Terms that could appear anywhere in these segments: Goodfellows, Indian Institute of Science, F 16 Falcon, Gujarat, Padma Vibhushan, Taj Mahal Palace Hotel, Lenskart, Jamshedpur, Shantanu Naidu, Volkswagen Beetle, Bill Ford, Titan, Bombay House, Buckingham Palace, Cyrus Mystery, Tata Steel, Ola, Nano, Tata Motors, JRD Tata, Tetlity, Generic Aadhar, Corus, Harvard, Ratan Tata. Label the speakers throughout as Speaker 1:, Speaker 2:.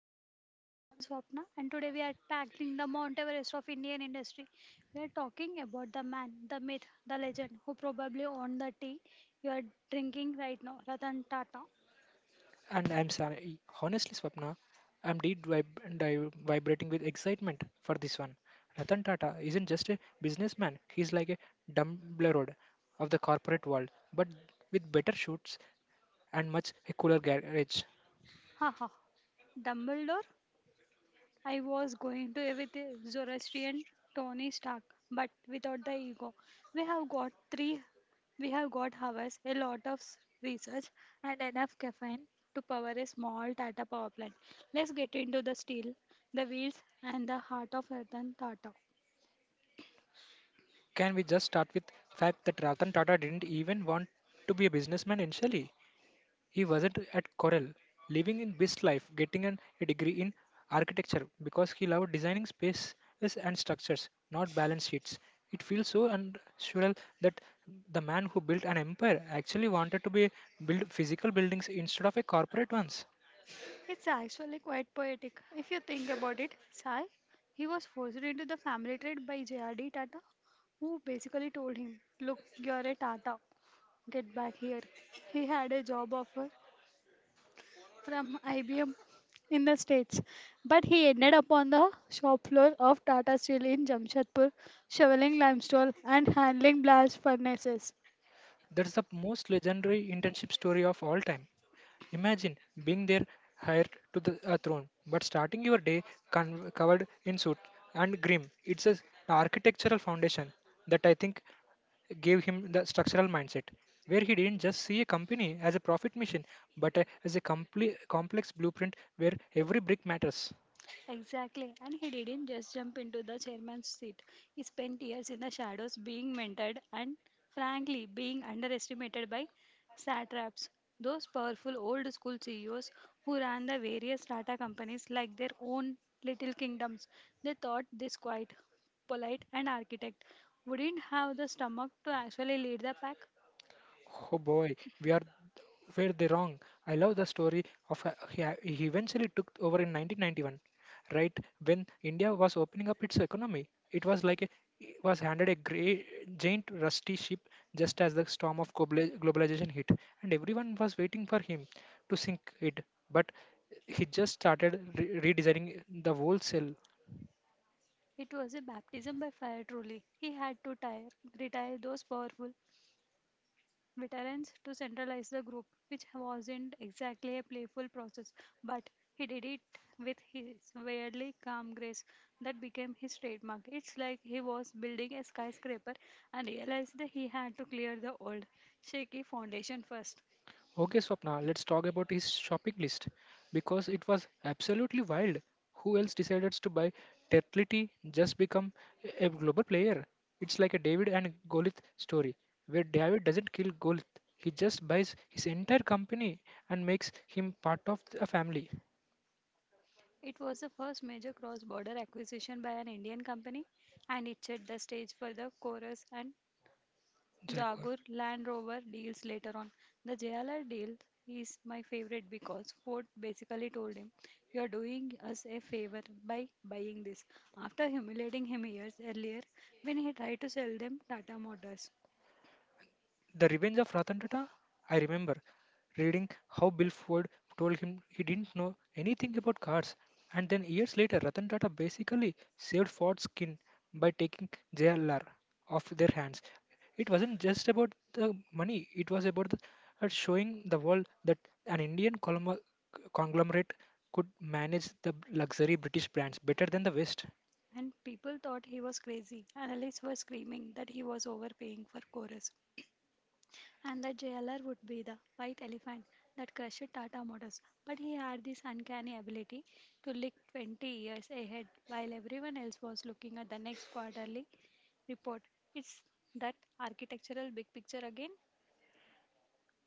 Speaker 1: and the Tea. I'm Swapna, and today we are tackling the Mount Everest of Indian industry. We are talking about the man, the myth, the legend who probably owned the tea you are drinking right now, Ratan Tata.
Speaker 2: And I'm sorry, honestly, Swapna, I'm vibrating with excitement for this one. Ratan Tata isn't just a businessman, he's like a Dumbledore of the corporate world, but with better shoots and much a cooler garage.
Speaker 1: Haha, Dumbledore. I was going to with a Zoroastrian Tony Stark, but without the ego. We have got three, we have got hours, a lot of research, and enough caffeine to power a small Tata power plant. Let's get into the steel, the wheels, and the heart of Ratan Tata.
Speaker 2: Can we just start with fact that Ratan Tata didn't even want to be a businessman initially? He wasn't at Corel, living in best life, getting a degree in architecture because he loved designing spaces and structures, not balance sheets. It feels so unnatural that the man who built an empire actually wanted to be build physical buildings instead of a corporate ones.
Speaker 1: It's actually quite poetic. If you think about it, Sai, he was forced into the family trade by J.R.D. Tata, who basically told him, "Look, you're a Tata. Get back here." He had a job offer from IBM in the States, but he ended up on the shop floor of Tata Steel in Jamshedpur, shoveling limestone and handling blast furnaces.
Speaker 2: That's the most legendary internship story of all time. Imagine being there hired to the a throne, but starting your day covered in soot and grim. It's an architectural foundation that I think gave him the structural mindset, where he didn't just see a company as a profit machine, but as a complex blueprint where every brick matters.
Speaker 1: Exactly. And he didn't just jump into the chairman's seat. He spent years in the shadows being mentored and, frankly, being underestimated by satraps, those powerful old school CEOs who ran the various Tata companies like their own little kingdoms. They thought this quiet, polite, and architect wouldn't have the stomach to actually lead the pack.
Speaker 2: Oh boy, we are were they wrong? I love the story of he eventually took over in 1991, right when India was opening up its economy. It was like it was handed a grey, giant rusty ship just as the storm of globalization hit, and everyone was waiting for him to sink it. But he just started redesigning the whole sail.
Speaker 1: It was a baptism by fire, truly. He had to retire those powerful veterans to centralize the group, which wasn't exactly a playful process, but he did it with his weirdly calm grace that became his trademark. It's like he was building a skyscraper and realized that he had to clear the old, shaky foundation first.
Speaker 2: Okay, Swapna, let's talk about his shopping list because it was absolutely wild. Who else decided to buy Tetlity just become a global player? It's like a David and Golith story where David doesn't kill Golith, he just buys his entire company and makes him part of a family.
Speaker 1: It was the first major cross border acquisition by an Indian company, and it set the stage for the chorus and
Speaker 2: Jaguar.
Speaker 1: Jaguar Land Rover deals later on. The JLR deal is my favorite because Ford basically told him, "You're doing us a favor by buying this." After humiliating him years earlier when he tried to sell them Tata Motors.
Speaker 2: The Revenge of Ratan Tata? I remember reading how Bill Ford told him he didn't know anything about cars, and then years later, Ratan Tata basically saved Ford's skin by taking JLR off their hands. It wasn't just about the money, it was about showing the world that an Indian conglomerate could manage the luxury British brands better than the West.
Speaker 1: And people thought he was crazy. Analysts were screaming that he was overpaying for Chorus. And the jailer would be the white elephant that crushed Tata Motors. But he had this uncanny ability to look 20 years ahead while everyone else was looking at the next quarterly report. It's that architectural big picture again.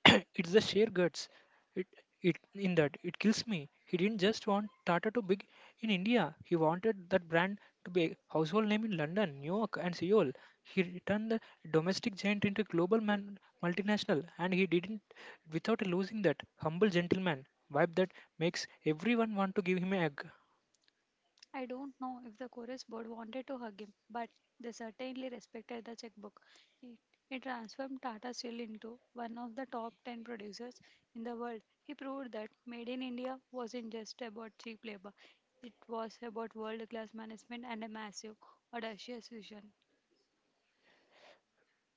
Speaker 2: It's the sheer guts. It, it in that it kills me. He didn't just want Tata to big in India. He wanted that brand to be a household name in London, New York, and Seoul. He turned the domestic giant into a global man, multinational, and he didn't without losing that humble gentleman vibe that makes everyone want to give him an egg.
Speaker 1: I don't know if the chorus board wanted to hug him, but they certainly respected the checkbook. It, it transformed Tata Steel into one of the top 10 producers in the world. He proved that Made in India wasn't just about cheap labor, it was about world class management and a massive, audacious vision.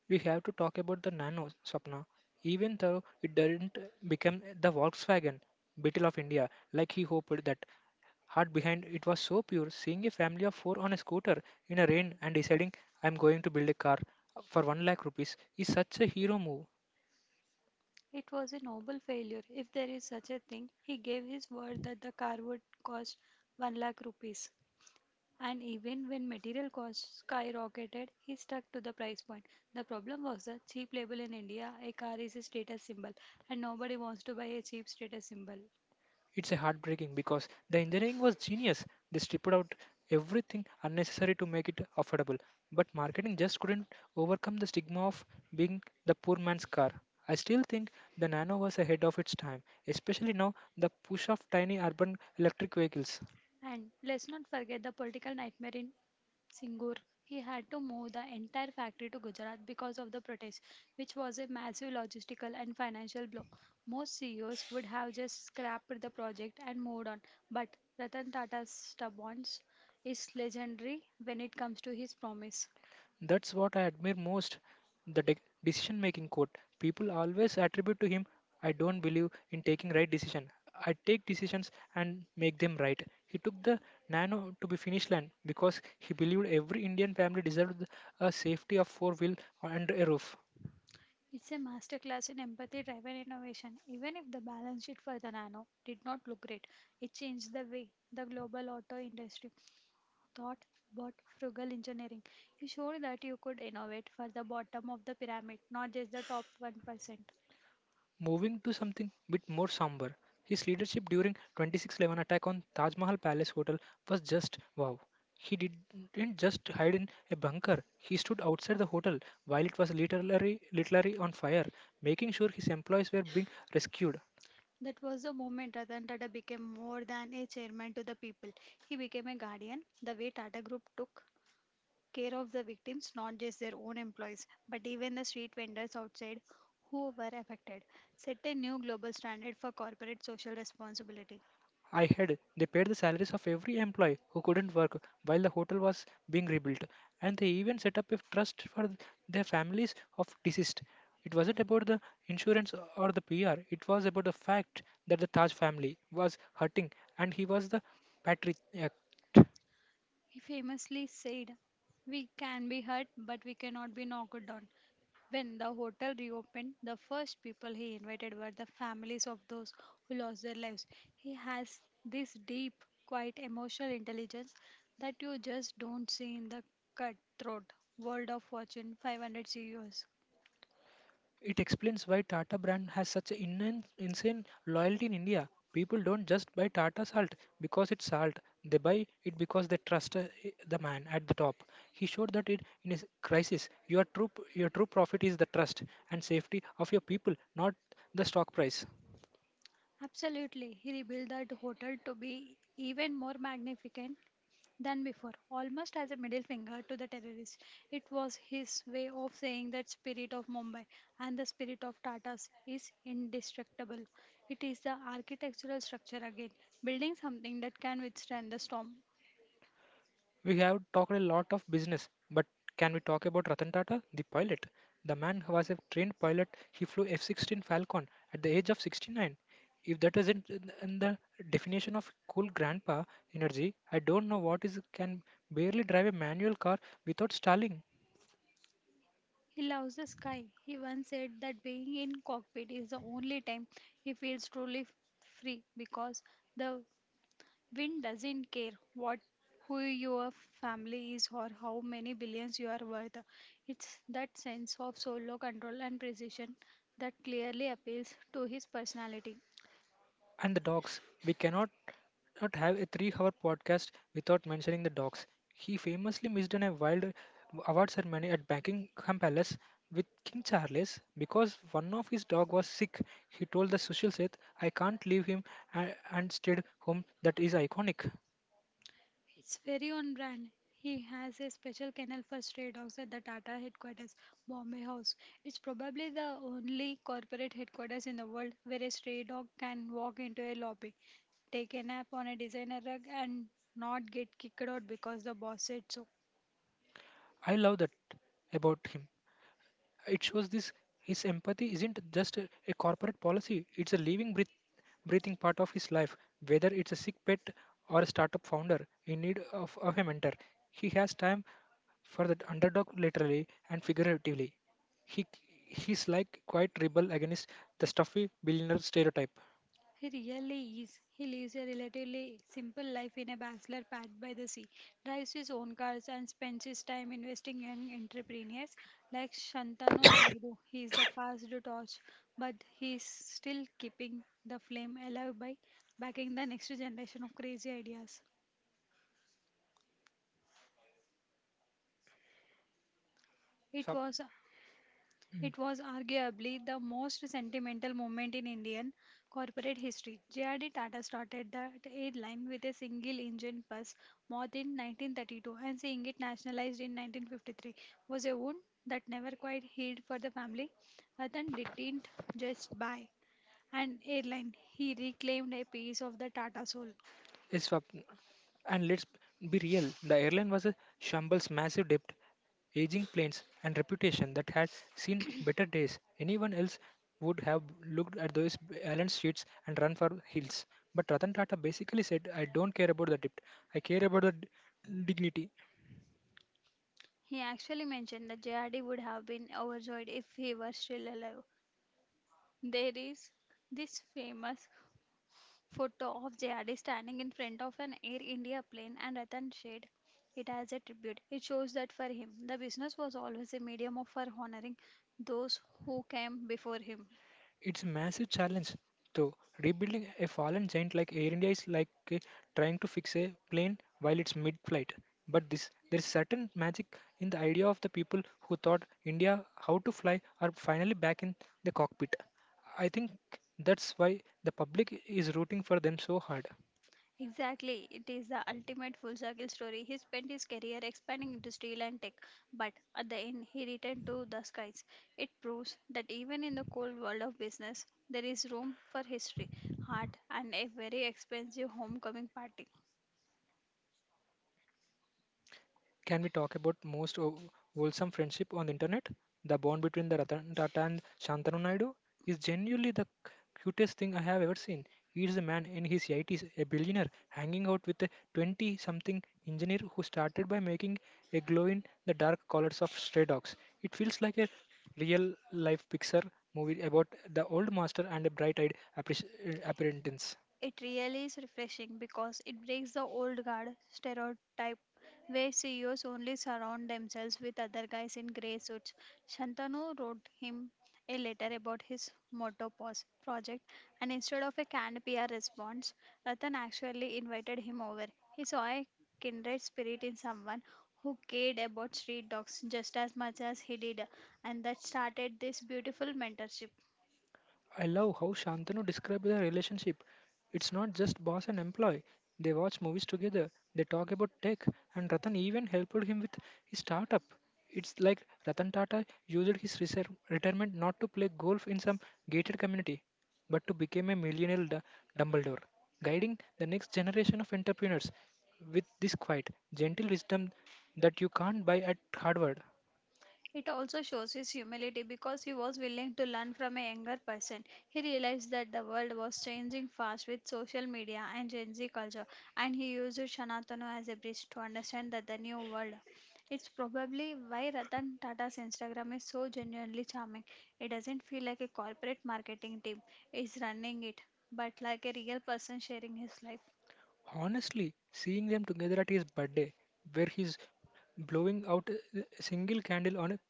Speaker 2: We have to talk about the Nano Sapna, even though it didn't become the Volkswagen Beetle of India like he hoped that Heart behind it was so pure, seeing a family of four on a scooter in a rain and deciding I'm going to build a car for 1 lakh rupees is such a hero move.
Speaker 1: It was a noble failure, if there is such a thing. He gave his word that the car would cost 1 lakh rupees. And even when material costs skyrocketed, he stuck to the price point. The problem was the cheap label in India, a car is a status symbol, and nobody wants to buy a cheap status symbol.
Speaker 2: It's a heartbreaking because the engineering was genius. They stripped out everything unnecessary to make it affordable. But marketing just couldn't overcome the stigma of being the poor man's car. I still think the Nano was ahead of its time, especially now the push of tiny urban electric vehicles.
Speaker 1: And let's not forget the political nightmare in Singur. He had to move the entire factory to Gujarat because of the protest, which was a massive logistical and financial blow. Most CEOs would have just scrapped the project and moved on, but Ratan Tata's stubbornness is legendary when it comes to his promise.
Speaker 2: That's what I admire most the decision making quote. People always attribute to him, I don't believe in taking right decision. I take decisions and make them right. He took the nano to be finish line because he believed every Indian family deserved a safety of four wheel and a roof.
Speaker 1: It's a masterclass in empathy driven innovation. Even if the balance sheet for the Nano did not look great, it changed the way the global auto industry thought about frugal engineering. It showed that you could innovate for the bottom of the pyramid, not just the top 1%.
Speaker 2: Moving to something bit more somber, his leadership during 2611 attack on Taj Mahal Palace Hotel was just wow. He didn't just hide in a bunker. He stood outside the hotel while it was literally on fire, making sure his employees were being rescued.
Speaker 1: That was the moment Ratan Tata became more than a chairman to the people. He became a guardian. The way Tata Group took care of the victims, not just their own employees, but even the street vendors outside who were affected, set a new global standard for corporate social responsibility.
Speaker 2: I had they paid the salaries of every employee who couldn't work while the hotel was being rebuilt, and they even set up a trust for their families of deceased. It wasn't about the insurance or the PR, it was about the fact that the Taj family was hurting and he was the patriarch.
Speaker 1: He famously said, "We can be hurt, but we cannot be knocked down." When the hotel reopened, the first people he invited were the families of those who lost their lives. He has this deep, quiet emotional intelligence that you just don't see in the cutthroat world of Fortune 500 CEOs.
Speaker 2: It explains why Tata brand has such an insane loyalty in India. People don't just buy Tata salt because it's salt. They buy it because they trust the man at the top. He showed that it in his crisis. Your your true profit is the trust and safety of your people, not the stock price.
Speaker 1: Absolutely. He rebuilt that hotel to be even more magnificent than before, almost as a middle finger to the terrorists. It was his way of saying that spirit of Mumbai and the spirit of Tatas is indestructible. It is the architectural structure again, building something that can withstand the storm.
Speaker 2: We have talked a lot of business, but can we talk about Ratan Tata, the pilot? The man who was a trained pilot, he flew F-16 Falcon at the age of 69. If that isn't in the definition of cool grandpa energy, I don't know what is. Can barely drive a manual car without stalling.
Speaker 1: He loves the sky. He once said that being in cockpit is the only time he feels truly free, because the wind doesn't care what who your family is or how many billions you are worth. It's that sense of solo control and precision that clearly appeals to his personality.
Speaker 2: And the dogs. We cannot not have a 3-hour podcast without mentioning the dogs. He famously missed an a wild award ceremony at Buckingham Palace with King Charles because one of his dog was sick. He told the social set, "I can't leave him," a- and stayed home. That is iconic.
Speaker 1: It's very on brand. He has a special kennel for stray dogs at the Tata headquarters, Bombay House. It's probably the only corporate headquarters in the world where a stray dog can walk into a lobby, take a nap on a designer rug, and not get kicked out because the boss said so.
Speaker 2: I love that about him. It shows this his empathy isn't just a corporate policy, it's a living, breathing part of his life. Whether it's a sick pet or a startup founder in need of a mentor, he has time for the underdog literally and figuratively. He he's like quite rebel against the stuffy billionaire stereotype.
Speaker 1: He really is. He lives a relatively simple life in a bachelor pad by the sea, drives his own cars, and spends his time investing in entrepreneurs like Shantanu Naidu. He is the past torch, but he is still keeping the flame alive by backing the next generation of crazy ideas. It
Speaker 2: Stop.
Speaker 1: was It was arguably the most sentimental moment in Indian corporate history. JRD Tata started that airline with a single engine bus moth in 1932, and seeing it nationalized in 1953 was a wound that never quite healed for the family. Ratan didn't just buy an airline, he reclaimed a piece of the Tata soul.
Speaker 2: Is Swapn. And let's be real, the airline was a shambles massive debt, aging planes, and reputation that had seen better days. Anyone else would have looked at those balance sheets and run for hills. But Ratan Tata basically said, I don't care about the debt, I care about the dignity.
Speaker 1: He actually mentioned that JRD would have been overjoyed if he were still alive. There is this famous photo of J.R.D. standing in front of an Air India plane, and Ratan shared it as a tribute. It shows that for him, the business was always a medium of for honoring those who came before him.
Speaker 2: It's a massive challenge, though. Rebuilding a fallen giant like Air India is like trying to fix a plane while it's mid-flight. But this, there's certain magic in the idea of the people who taught India how to fly are finally back in the cockpit. I think that's why the public is rooting for them so hard.
Speaker 1: Exactly, it is the ultimate full circle story. He spent his career expanding into steel and tech, but at the end, he returned to the skies. It proves that even in the cold world of business, there is room for history, art, and a very expensive homecoming party.
Speaker 2: Can we talk about wholesome friendship on the internet? The bond between the Ratan Tata and Shantanu Naidu is genuinely the cutest thing I have ever seen. He is a man in his 80s, a billionaire, hanging out with a 20 something engineer who started by making a glow in the dark collars of stray dogs. It feels like a real life Pixar movie about the old master and a bright eyed apprentice.
Speaker 1: It really is refreshing because it breaks the old guard stereotype where CEOs only surround themselves with other guys in grey suits. Shantanu wrote him a letter about his motto project, and instead of a canned PR response, Ratan actually invited him over. He saw a kindred spirit in someone who cared about street dogs just as much as he did, and that started this beautiful mentorship.
Speaker 2: I love how Shantanu described their relationship. It's not just boss and employee. They watch movies together, they talk about tech, and Ratan even helped him with his startup. It's like Ratan Tata used his retirement not to play golf in some gated community, but to become a Dumbledore, guiding the next generation of entrepreneurs with this quiet, gentle wisdom that you can't buy at Harvard.
Speaker 1: It also shows his humility because he was willing to learn from a younger person. He realized that the world was changing fast with social media and Gen Z culture, and he used Shanatanu as a bridge to understand that the new world. It's probably why Ratan Tata's Instagram is so genuinely charming. It doesn't feel like a corporate marketing team is running it, but like a real person sharing his life.
Speaker 2: Honestly, seeing them together at his birthday, where he's blowing out a single candle on a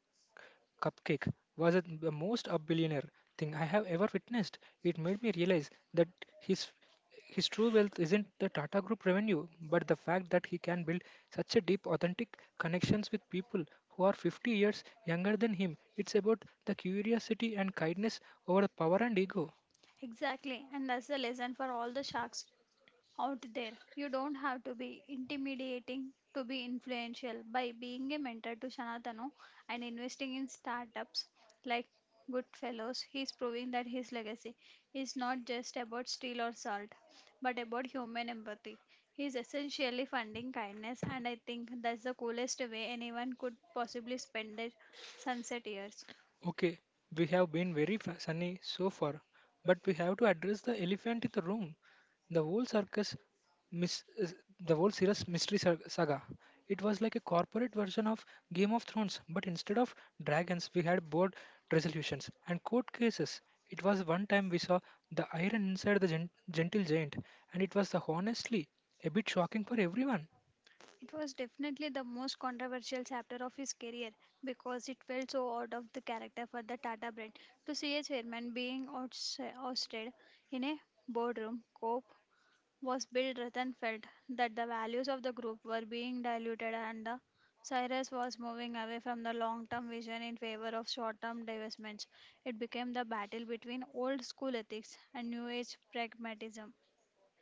Speaker 2: cupcake, was the most a billionaire thing I have ever witnessed. It made me realize that his his true wealth isn't the Tata Group revenue, but the fact that he can build such a deep, authentic connections with people who are 50 years younger than him. It's about the curiosity and kindness over the power and ego.
Speaker 1: Exactly, and that's the lesson for all the sharks out there. You don't have to be intimidating to be influential. By being a mentor to Sanatano and investing in startups like Goodfellows, he is proving that his legacy is not just about steel or salt, but about human empathy. He is essentially funding kindness, and I think that's the coolest way anyone could possibly spend their sunset years.
Speaker 2: Okay, we have been very sunny so far, but we have to address the elephant in the room. The whole mis- uh, the whole serious mystery saga. It was like a corporate version of Game of Thrones, but instead of dragons, we had board resolutions and court cases. It was one time we saw the iron inside the gentle giant, and it was the honestly a bit shocking for everyone.
Speaker 1: It was definitely the most controversial chapter of his career because it felt so out of the character for the Tata brand to see a chairman being ousted in a boardroom. Cope was Bill Rathen felt that the values of the group were being diluted, and the Cyrus was moving away from the long term vision in favor of short term divestments. It became the battle between old school ethics and new age pragmatism.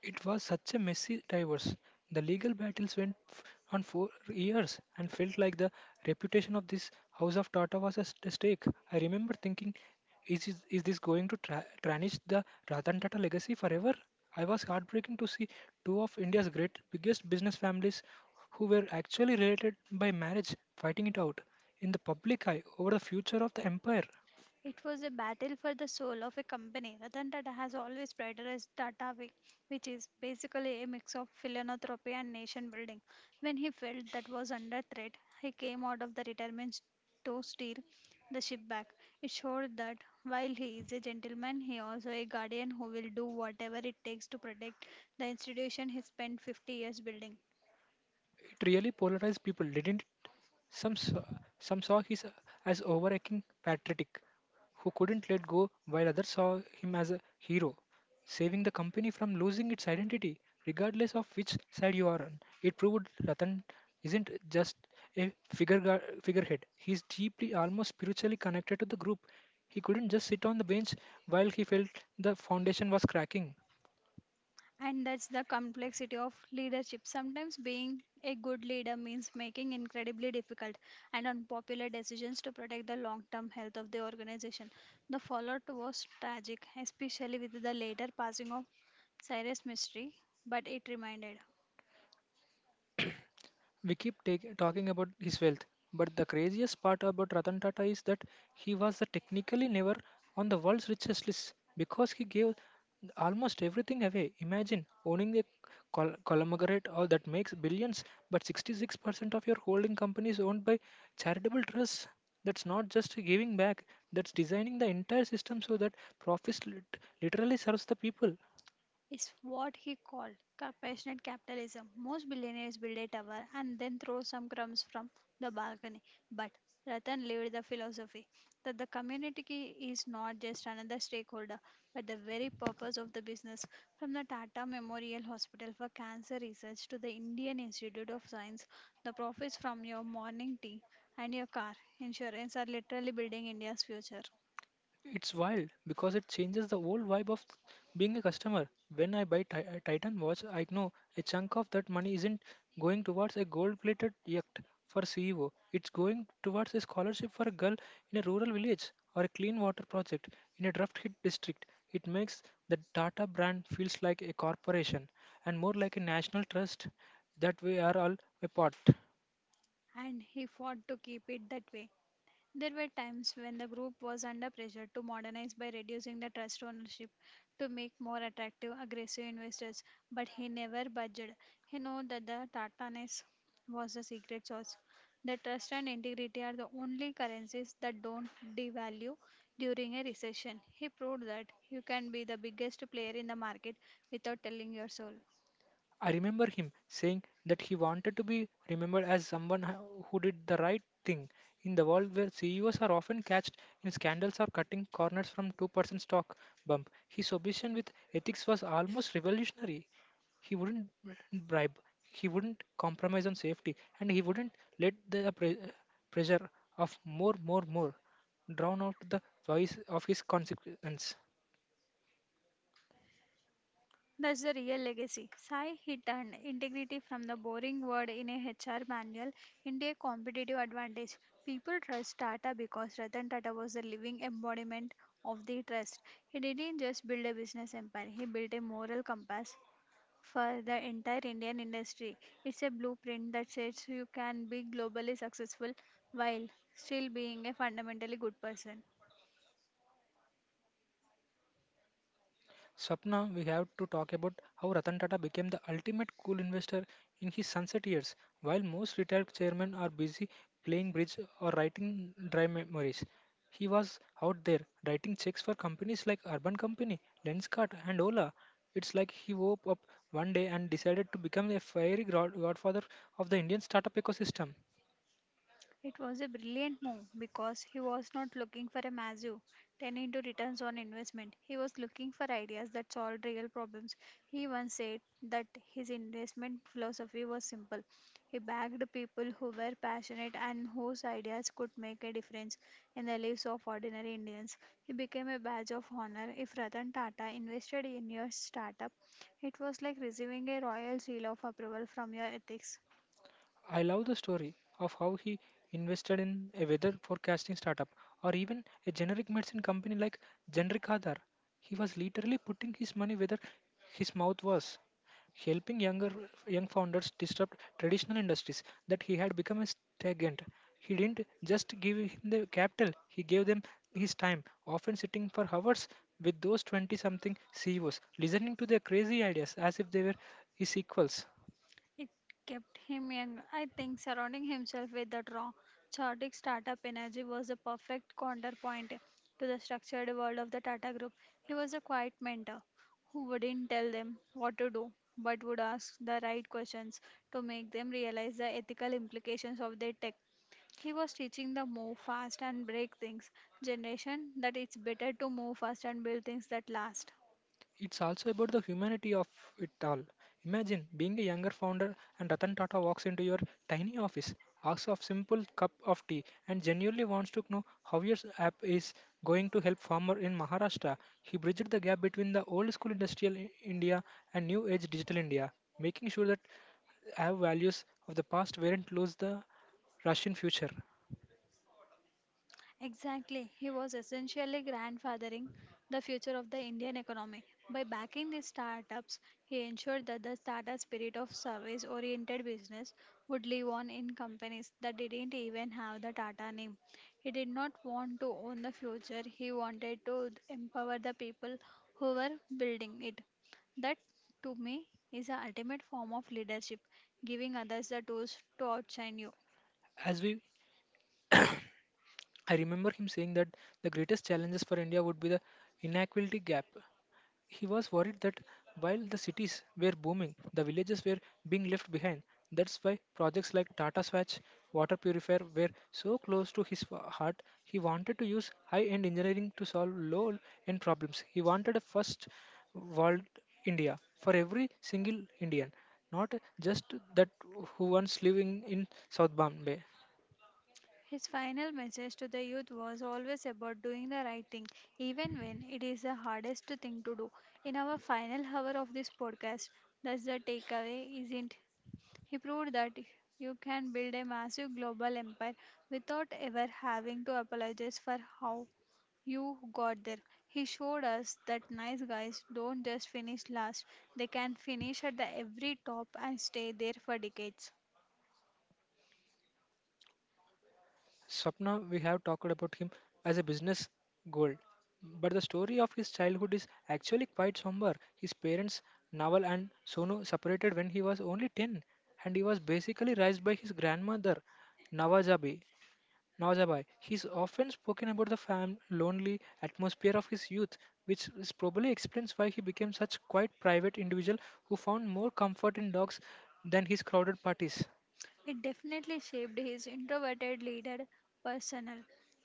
Speaker 2: It was such a messy divorce. The legal battles went on for years and felt like the reputation of this House of Tata was at stake. I remember thinking, is this going to tarnish the Ratan Tata legacy forever? I was heartbroken to see two of India's great biggest business families who were actually related by marriage fighting it out in the public eye over the future of the empire.
Speaker 1: It was a battle for the soul of a company. Ratan Tata has always prioritized Tata Way, which is basically a mix of philanthropy and nation building. When he felt that was under threat, he came out of the retirement to steer the ship back. It showed that while he is a gentleman, he also a guardian who will do whatever it takes to protect the institution he spent 50 years building.
Speaker 2: It really polarized people, didn't Some saw, some saw his as overacting patriotic who couldn't let go, while others saw him as a hero, saving the company from losing its identity. Regardless of which side you are on, it proved Ratan isn't just a figurehead. He's deeply, almost spiritually connected to the group. He couldn't just sit on the bench while he felt the foundation was cracking.
Speaker 1: And that's the complexity of leadership. Sometimes being a good leader means making incredibly difficult and unpopular decisions to protect the long term health of the organization. The fallout was tragic, especially with the later passing of Cyrus Mystery, but it reminded
Speaker 2: We keep talking about his wealth, but the craziest part about Ratan Tata is that he was the technically never on the world's richest list because he gave almost everything away. Imagine owning a conglomerate or that makes billions, but 66% of your holding company is owned by charitable trusts. That's not just giving back, that's designing the entire system so that profits literally serves the people.
Speaker 1: is what he called compassionate capitalism. Most billionaires build a tower and then throw some crumbs from the balcony. But Ratan lived the philosophy that the community is not just another stakeholder, but the very purpose of the business. From the Tata Memorial Hospital for Cancer Research to the Indian Institute of Science, the profits from your morning tea and your car insurance are literally building India's future,
Speaker 2: It's wild because it changes the whole vibe of being a customer. When I buy a Titan watch, I know a chunk of that money isn't going towards a gold-plated yacht for CEO. It's going towards a scholarship for a girl in a rural village or a clean water project in a drought-hit district. It makes the Tata brand feels like a corporation and more like a national trust that we are all a part.
Speaker 1: and he fought to keep it that way. There were times when the group was under pressure to modernize by reducing the trust ownership to make more attractive aggressive investors, but he never budged. He knew that the Tataness was the secret sauce. The trust and integrity are the only currencies that don't devalue during a recession. He proved that you can be the biggest player in the market without telling your soul.
Speaker 2: I remember him saying that he wanted to be remembered as someone who did the right thing in the world where CEOs are often catched in scandals or cutting corners from 2% stock bump. His obsession with ethics was almost revolutionary. He wouldn't bribe, he wouldn't compromise on safety, and he wouldn't let the pressure of more, more, more drown out the voice of his consequence.
Speaker 1: That's the real legacy. Sai, he turned integrity from the boring word in a HR manual into a competitive advantage. People trust Tata because Ratan Tata was the living embodiment of the trust. He didn't just build a business empire, he built a moral compass for the entire Indian industry. It's a blueprint that says you can be globally successful while still being a fundamentally good person.
Speaker 2: Swapna, we have to talk about how Ratan Tata became the ultimate cool investor in his sunset years. While most retired chairmen are busy playing bridge or writing dry memories, he was out there writing checks for companies like Urban Company, Lenskart, and Ola. It's like he woke up one day and decided to become a fiery godfather of the Indian startup ecosystem.
Speaker 1: It was a brilliant move because he was not looking for a massive 10 into returns on investment. He was looking for ideas that solved real problems. He once said that his investment philosophy was simple. He backed people who were passionate and whose ideas could make a difference in the lives of ordinary Indians. He became a badge of honor. If Ratan Tata invested in your startup, it was like receiving a royal seal of approval from your ethics.
Speaker 2: I love the story of how he invested in a weather forecasting startup or even a generic medicine company like Generic Aadhar. He was literally putting his money where his mouth was, helping young founders disrupt traditional industries that he had become a stagnant. He didn't just give him the capital, he gave them his time, often sitting for hours with those 20 something CEOs, listening to their crazy ideas as if they were his equals.
Speaker 1: It kept him young. I think surrounding himself with the raw, chaotic startup energy was the perfect counterpoint to the structured world of the Tata Group. He was a quiet mentor who wouldn't tell them what to do, but would ask the right questions to make them realize the ethical implications of their tech. He was teaching the move fast and break things generation that it's better to move fast and build things that last.
Speaker 2: It's also about the humanity of it all. Imagine being a younger founder and Ratan Tata walks into your tiny office, asks of simple cup of tea, and genuinely wants to know how your app is going to help farmer in Maharashtra. He bridged the gap between the old school industrial India and new age digital India, making sure that our values of the past weren't lose the Russian future.
Speaker 1: Exactly. He was essentially grandfathering the future of the Indian economy. By backing these startups, he ensured that the startup spirit of service oriented business would live on in companies that didn't even have the Tata name. He did not want to own the future, he wanted to empower the people who were building it. That, to me, is the ultimate form of leadership giving others the tools to outshine you.
Speaker 2: As we, I remember him saying that the greatest challenges for India would be the inequality gap. He was worried that while the cities were booming, the villages were being left behind. That's why projects like Tata Swatch water purifier were so close to his heart. He wanted to use high-end engineering to solve low-end problems. He wanted a first world India for every single Indian, not just that who once living in South Bombay.
Speaker 1: His final message to the youth was always about doing the right thing, even when it is the hardest thing to do. In our final hour of this podcast, that's the takeaway, isn't? He proved that you can build a massive global empire without ever having to apologize for how you got there. He showed us that nice guys don't just finish last, they can finish at the every top and stay there for decades.
Speaker 2: Swapna, we have talked about him as a business gold, but the story of his childhood is actually quite somber. His parents, Naval and Sonu, separated when he was only 10, and he was basically raised by his grandmother, Nawajabi. Nawajabai. He's often spoken about the lonely atmosphere of his youth, which is probably explains why he became such quite private individual who found more comfort in dogs than his crowded parties.
Speaker 1: It definitely shaped his introverted leader personnel.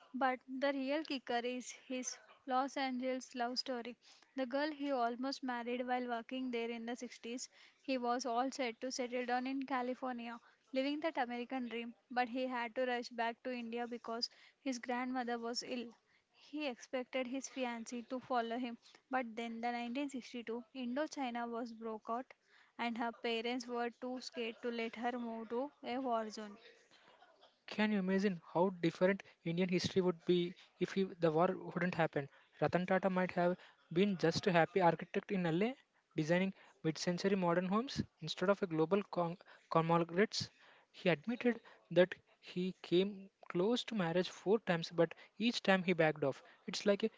Speaker 1: But the real kicker is his Los Angeles love story. The girl he almost married while working there in the 60s, he was all set to settle down in California, living that American dream, but he had to rush back to India because his grandmother was ill. He expected his fiancée to follow him, but then the 1962 Indochina was broke out, and her parents were too scared to let her move to a war zone.
Speaker 2: Can you imagine how different Indian history would be if he, the war wouldn't happen? Ratan Tata might have been just a happy architect in LA, designing mid-century modern homes instead of a global conglomerate. He admitted that he came close to marriage 4 times, but each time he backed off. It's like a,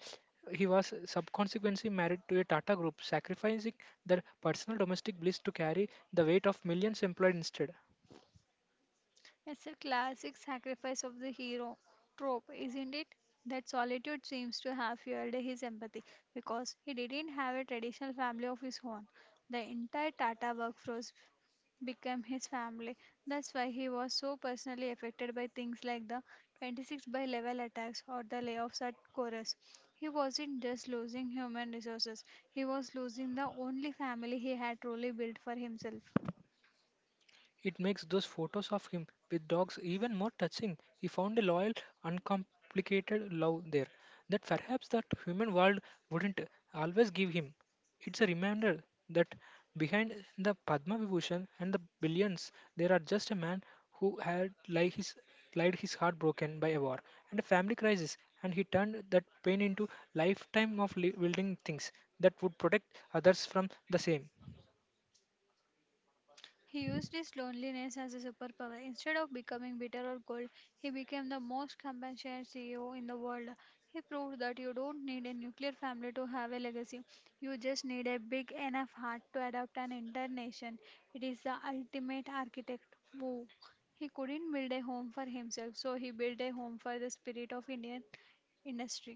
Speaker 2: he was subsequently married to a Tata group, sacrificing their personal domestic bliss to carry the weight of millions employed instead.
Speaker 1: It's a classic sacrifice of the hero trope, isn't it? That solitude seems to have fueled his empathy because he didn't have a traditional family of his own. The entire Tata workforce became his family. That's why he was so personally affected by things like the 26 by level attacks or the layoffs at Chorus. He wasn't just losing human resources, he was losing the only family he had truly built for himself.
Speaker 2: It makes those photos of him with dogs even more touching. He found a loyal, uncomplicated love there that perhaps that human world wouldn't always give him. It's a reminder that behind the Padma Vibhushan and the billions, there are just a man who had like his lied his heart broken by a war and a family crisis, and he turned that pain into lifetime of building things that would protect others from the same.
Speaker 1: He used his loneliness as a superpower. Instead of becoming bitter or cold, he became the most compassionate CEO in the world. He proved that you don't need a nuclear family to have a legacy. You just need a big enough heart to adapt an entire nation. It is the ultimate architect. Woo. He couldn't build a home for himself, so he built a home for the spirit of Indian industry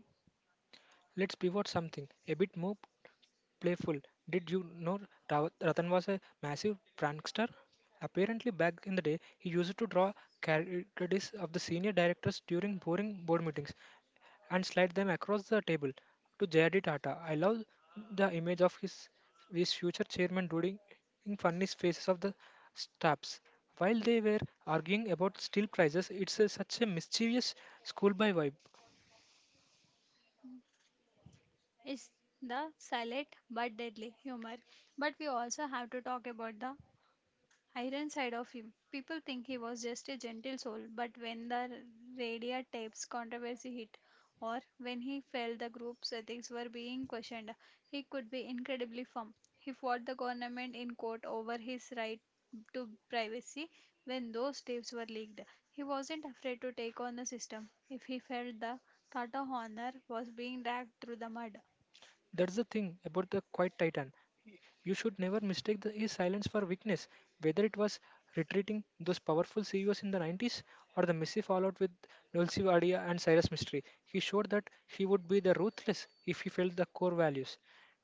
Speaker 2: Let's pivot something a bit more playful. Did you know Ratan was a massive prankster? Apparently, back in the day, he used to draw caricatures of the senior directors during boring board meetings and slide them across the table to JRD Tata. I love the image of his future chairman doing funny faces of the staffs. While they were arguing about steel prices, it's a, such a mischievous schoolboy vibe.
Speaker 1: is the silent but deadly humor. But we also have to talk about the iron side of him. People think he was just a gentle soul, but when the Radia tapes controversy hit, or when he felt the group's ethics were being questioned, he could be incredibly firm. He fought the government in court over his right to privacy when those tapes were leaked. He wasn't afraid to take on the system if he felt the Tata honor was being dragged through the mud.
Speaker 2: That's the thing about the quiet titan. Y- You should never mistake his silence for weakness, whether it was retreating those powerful CEOs in the 90s or the messy fallout with Dulce Wadia and Cyrus Mystery. He showed that he would be the ruthless if he felt the core values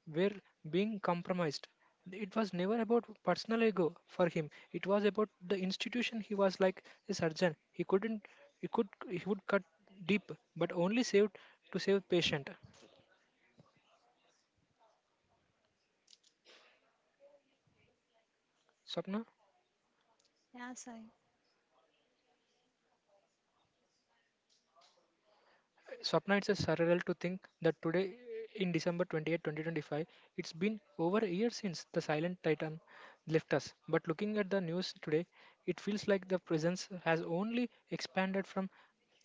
Speaker 2: were being compromised. It was never about personal ego for him. It was about the institution. He was like a surgeon. He couldn't. He could. He would cut deep, but only saved to save patient. Sapna.
Speaker 1: Yeah, Sai.
Speaker 2: Swapna, it's a surreal to think that today, in December 28, 2025, it's been over a year since the silent titan left us. But looking at the news today, it feels like the presence has only expanded from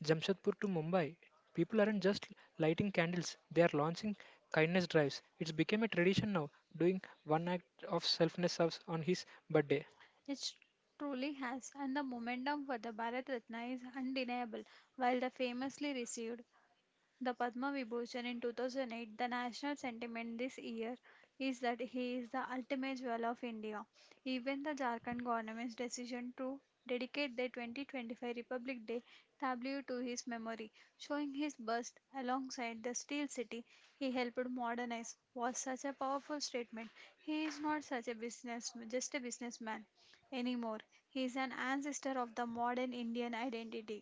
Speaker 2: Jamshedpur to Mumbai. People aren't just lighting candles, they are launching kindness drives. It's become a tradition now, doing one act of selfness service on his birthday.
Speaker 1: It truly has, and the momentum for the Bharat Ratna is undeniable. While the famously received the Padma Vibhushan in 2008, the national sentiment this year is that he is the ultimate jewel of India. Even the Jharkhand government's decision to dedicate the 2025 Republic Day tableau to his memory, showing his bust alongside the steel city he helped modernize, was such a powerful statement. He is not such a business, just a businessman anymore. He is an ancestor of the modern Indian identity.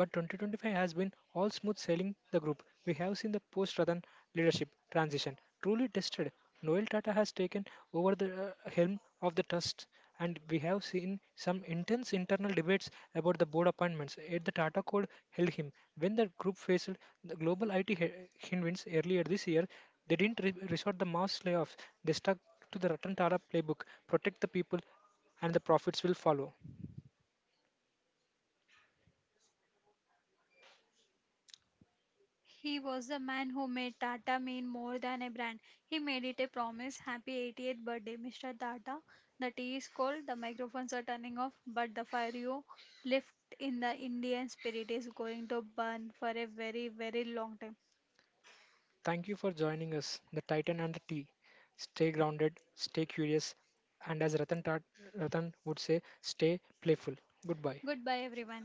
Speaker 2: But 2025 has been all smooth sailing the group. We have seen the post Radan leadership transition truly tested. Noel Tata has taken over the helm of the trust, and we have seen some intense internal debates about the board appointments. Yet the Tata code held him. When the group faced the global IT headwinds earlier this year, they didn't resort the mass layoffs. They stuck to the Ratan Tata playbook protect the people, and the profits will follow.
Speaker 1: He was the man who made Tata mean more than a brand. He made it a promise. Happy 80th birthday, Mr. Tata. The tea is cold, the microphones are turning off, but the fire you left in the Indian spirit is going to burn for a very, very long time.
Speaker 2: Thank you for joining us, the Titan and the T. Stay grounded, stay curious, and as Ratan would say, stay playful. Goodbye.
Speaker 1: Goodbye, everyone.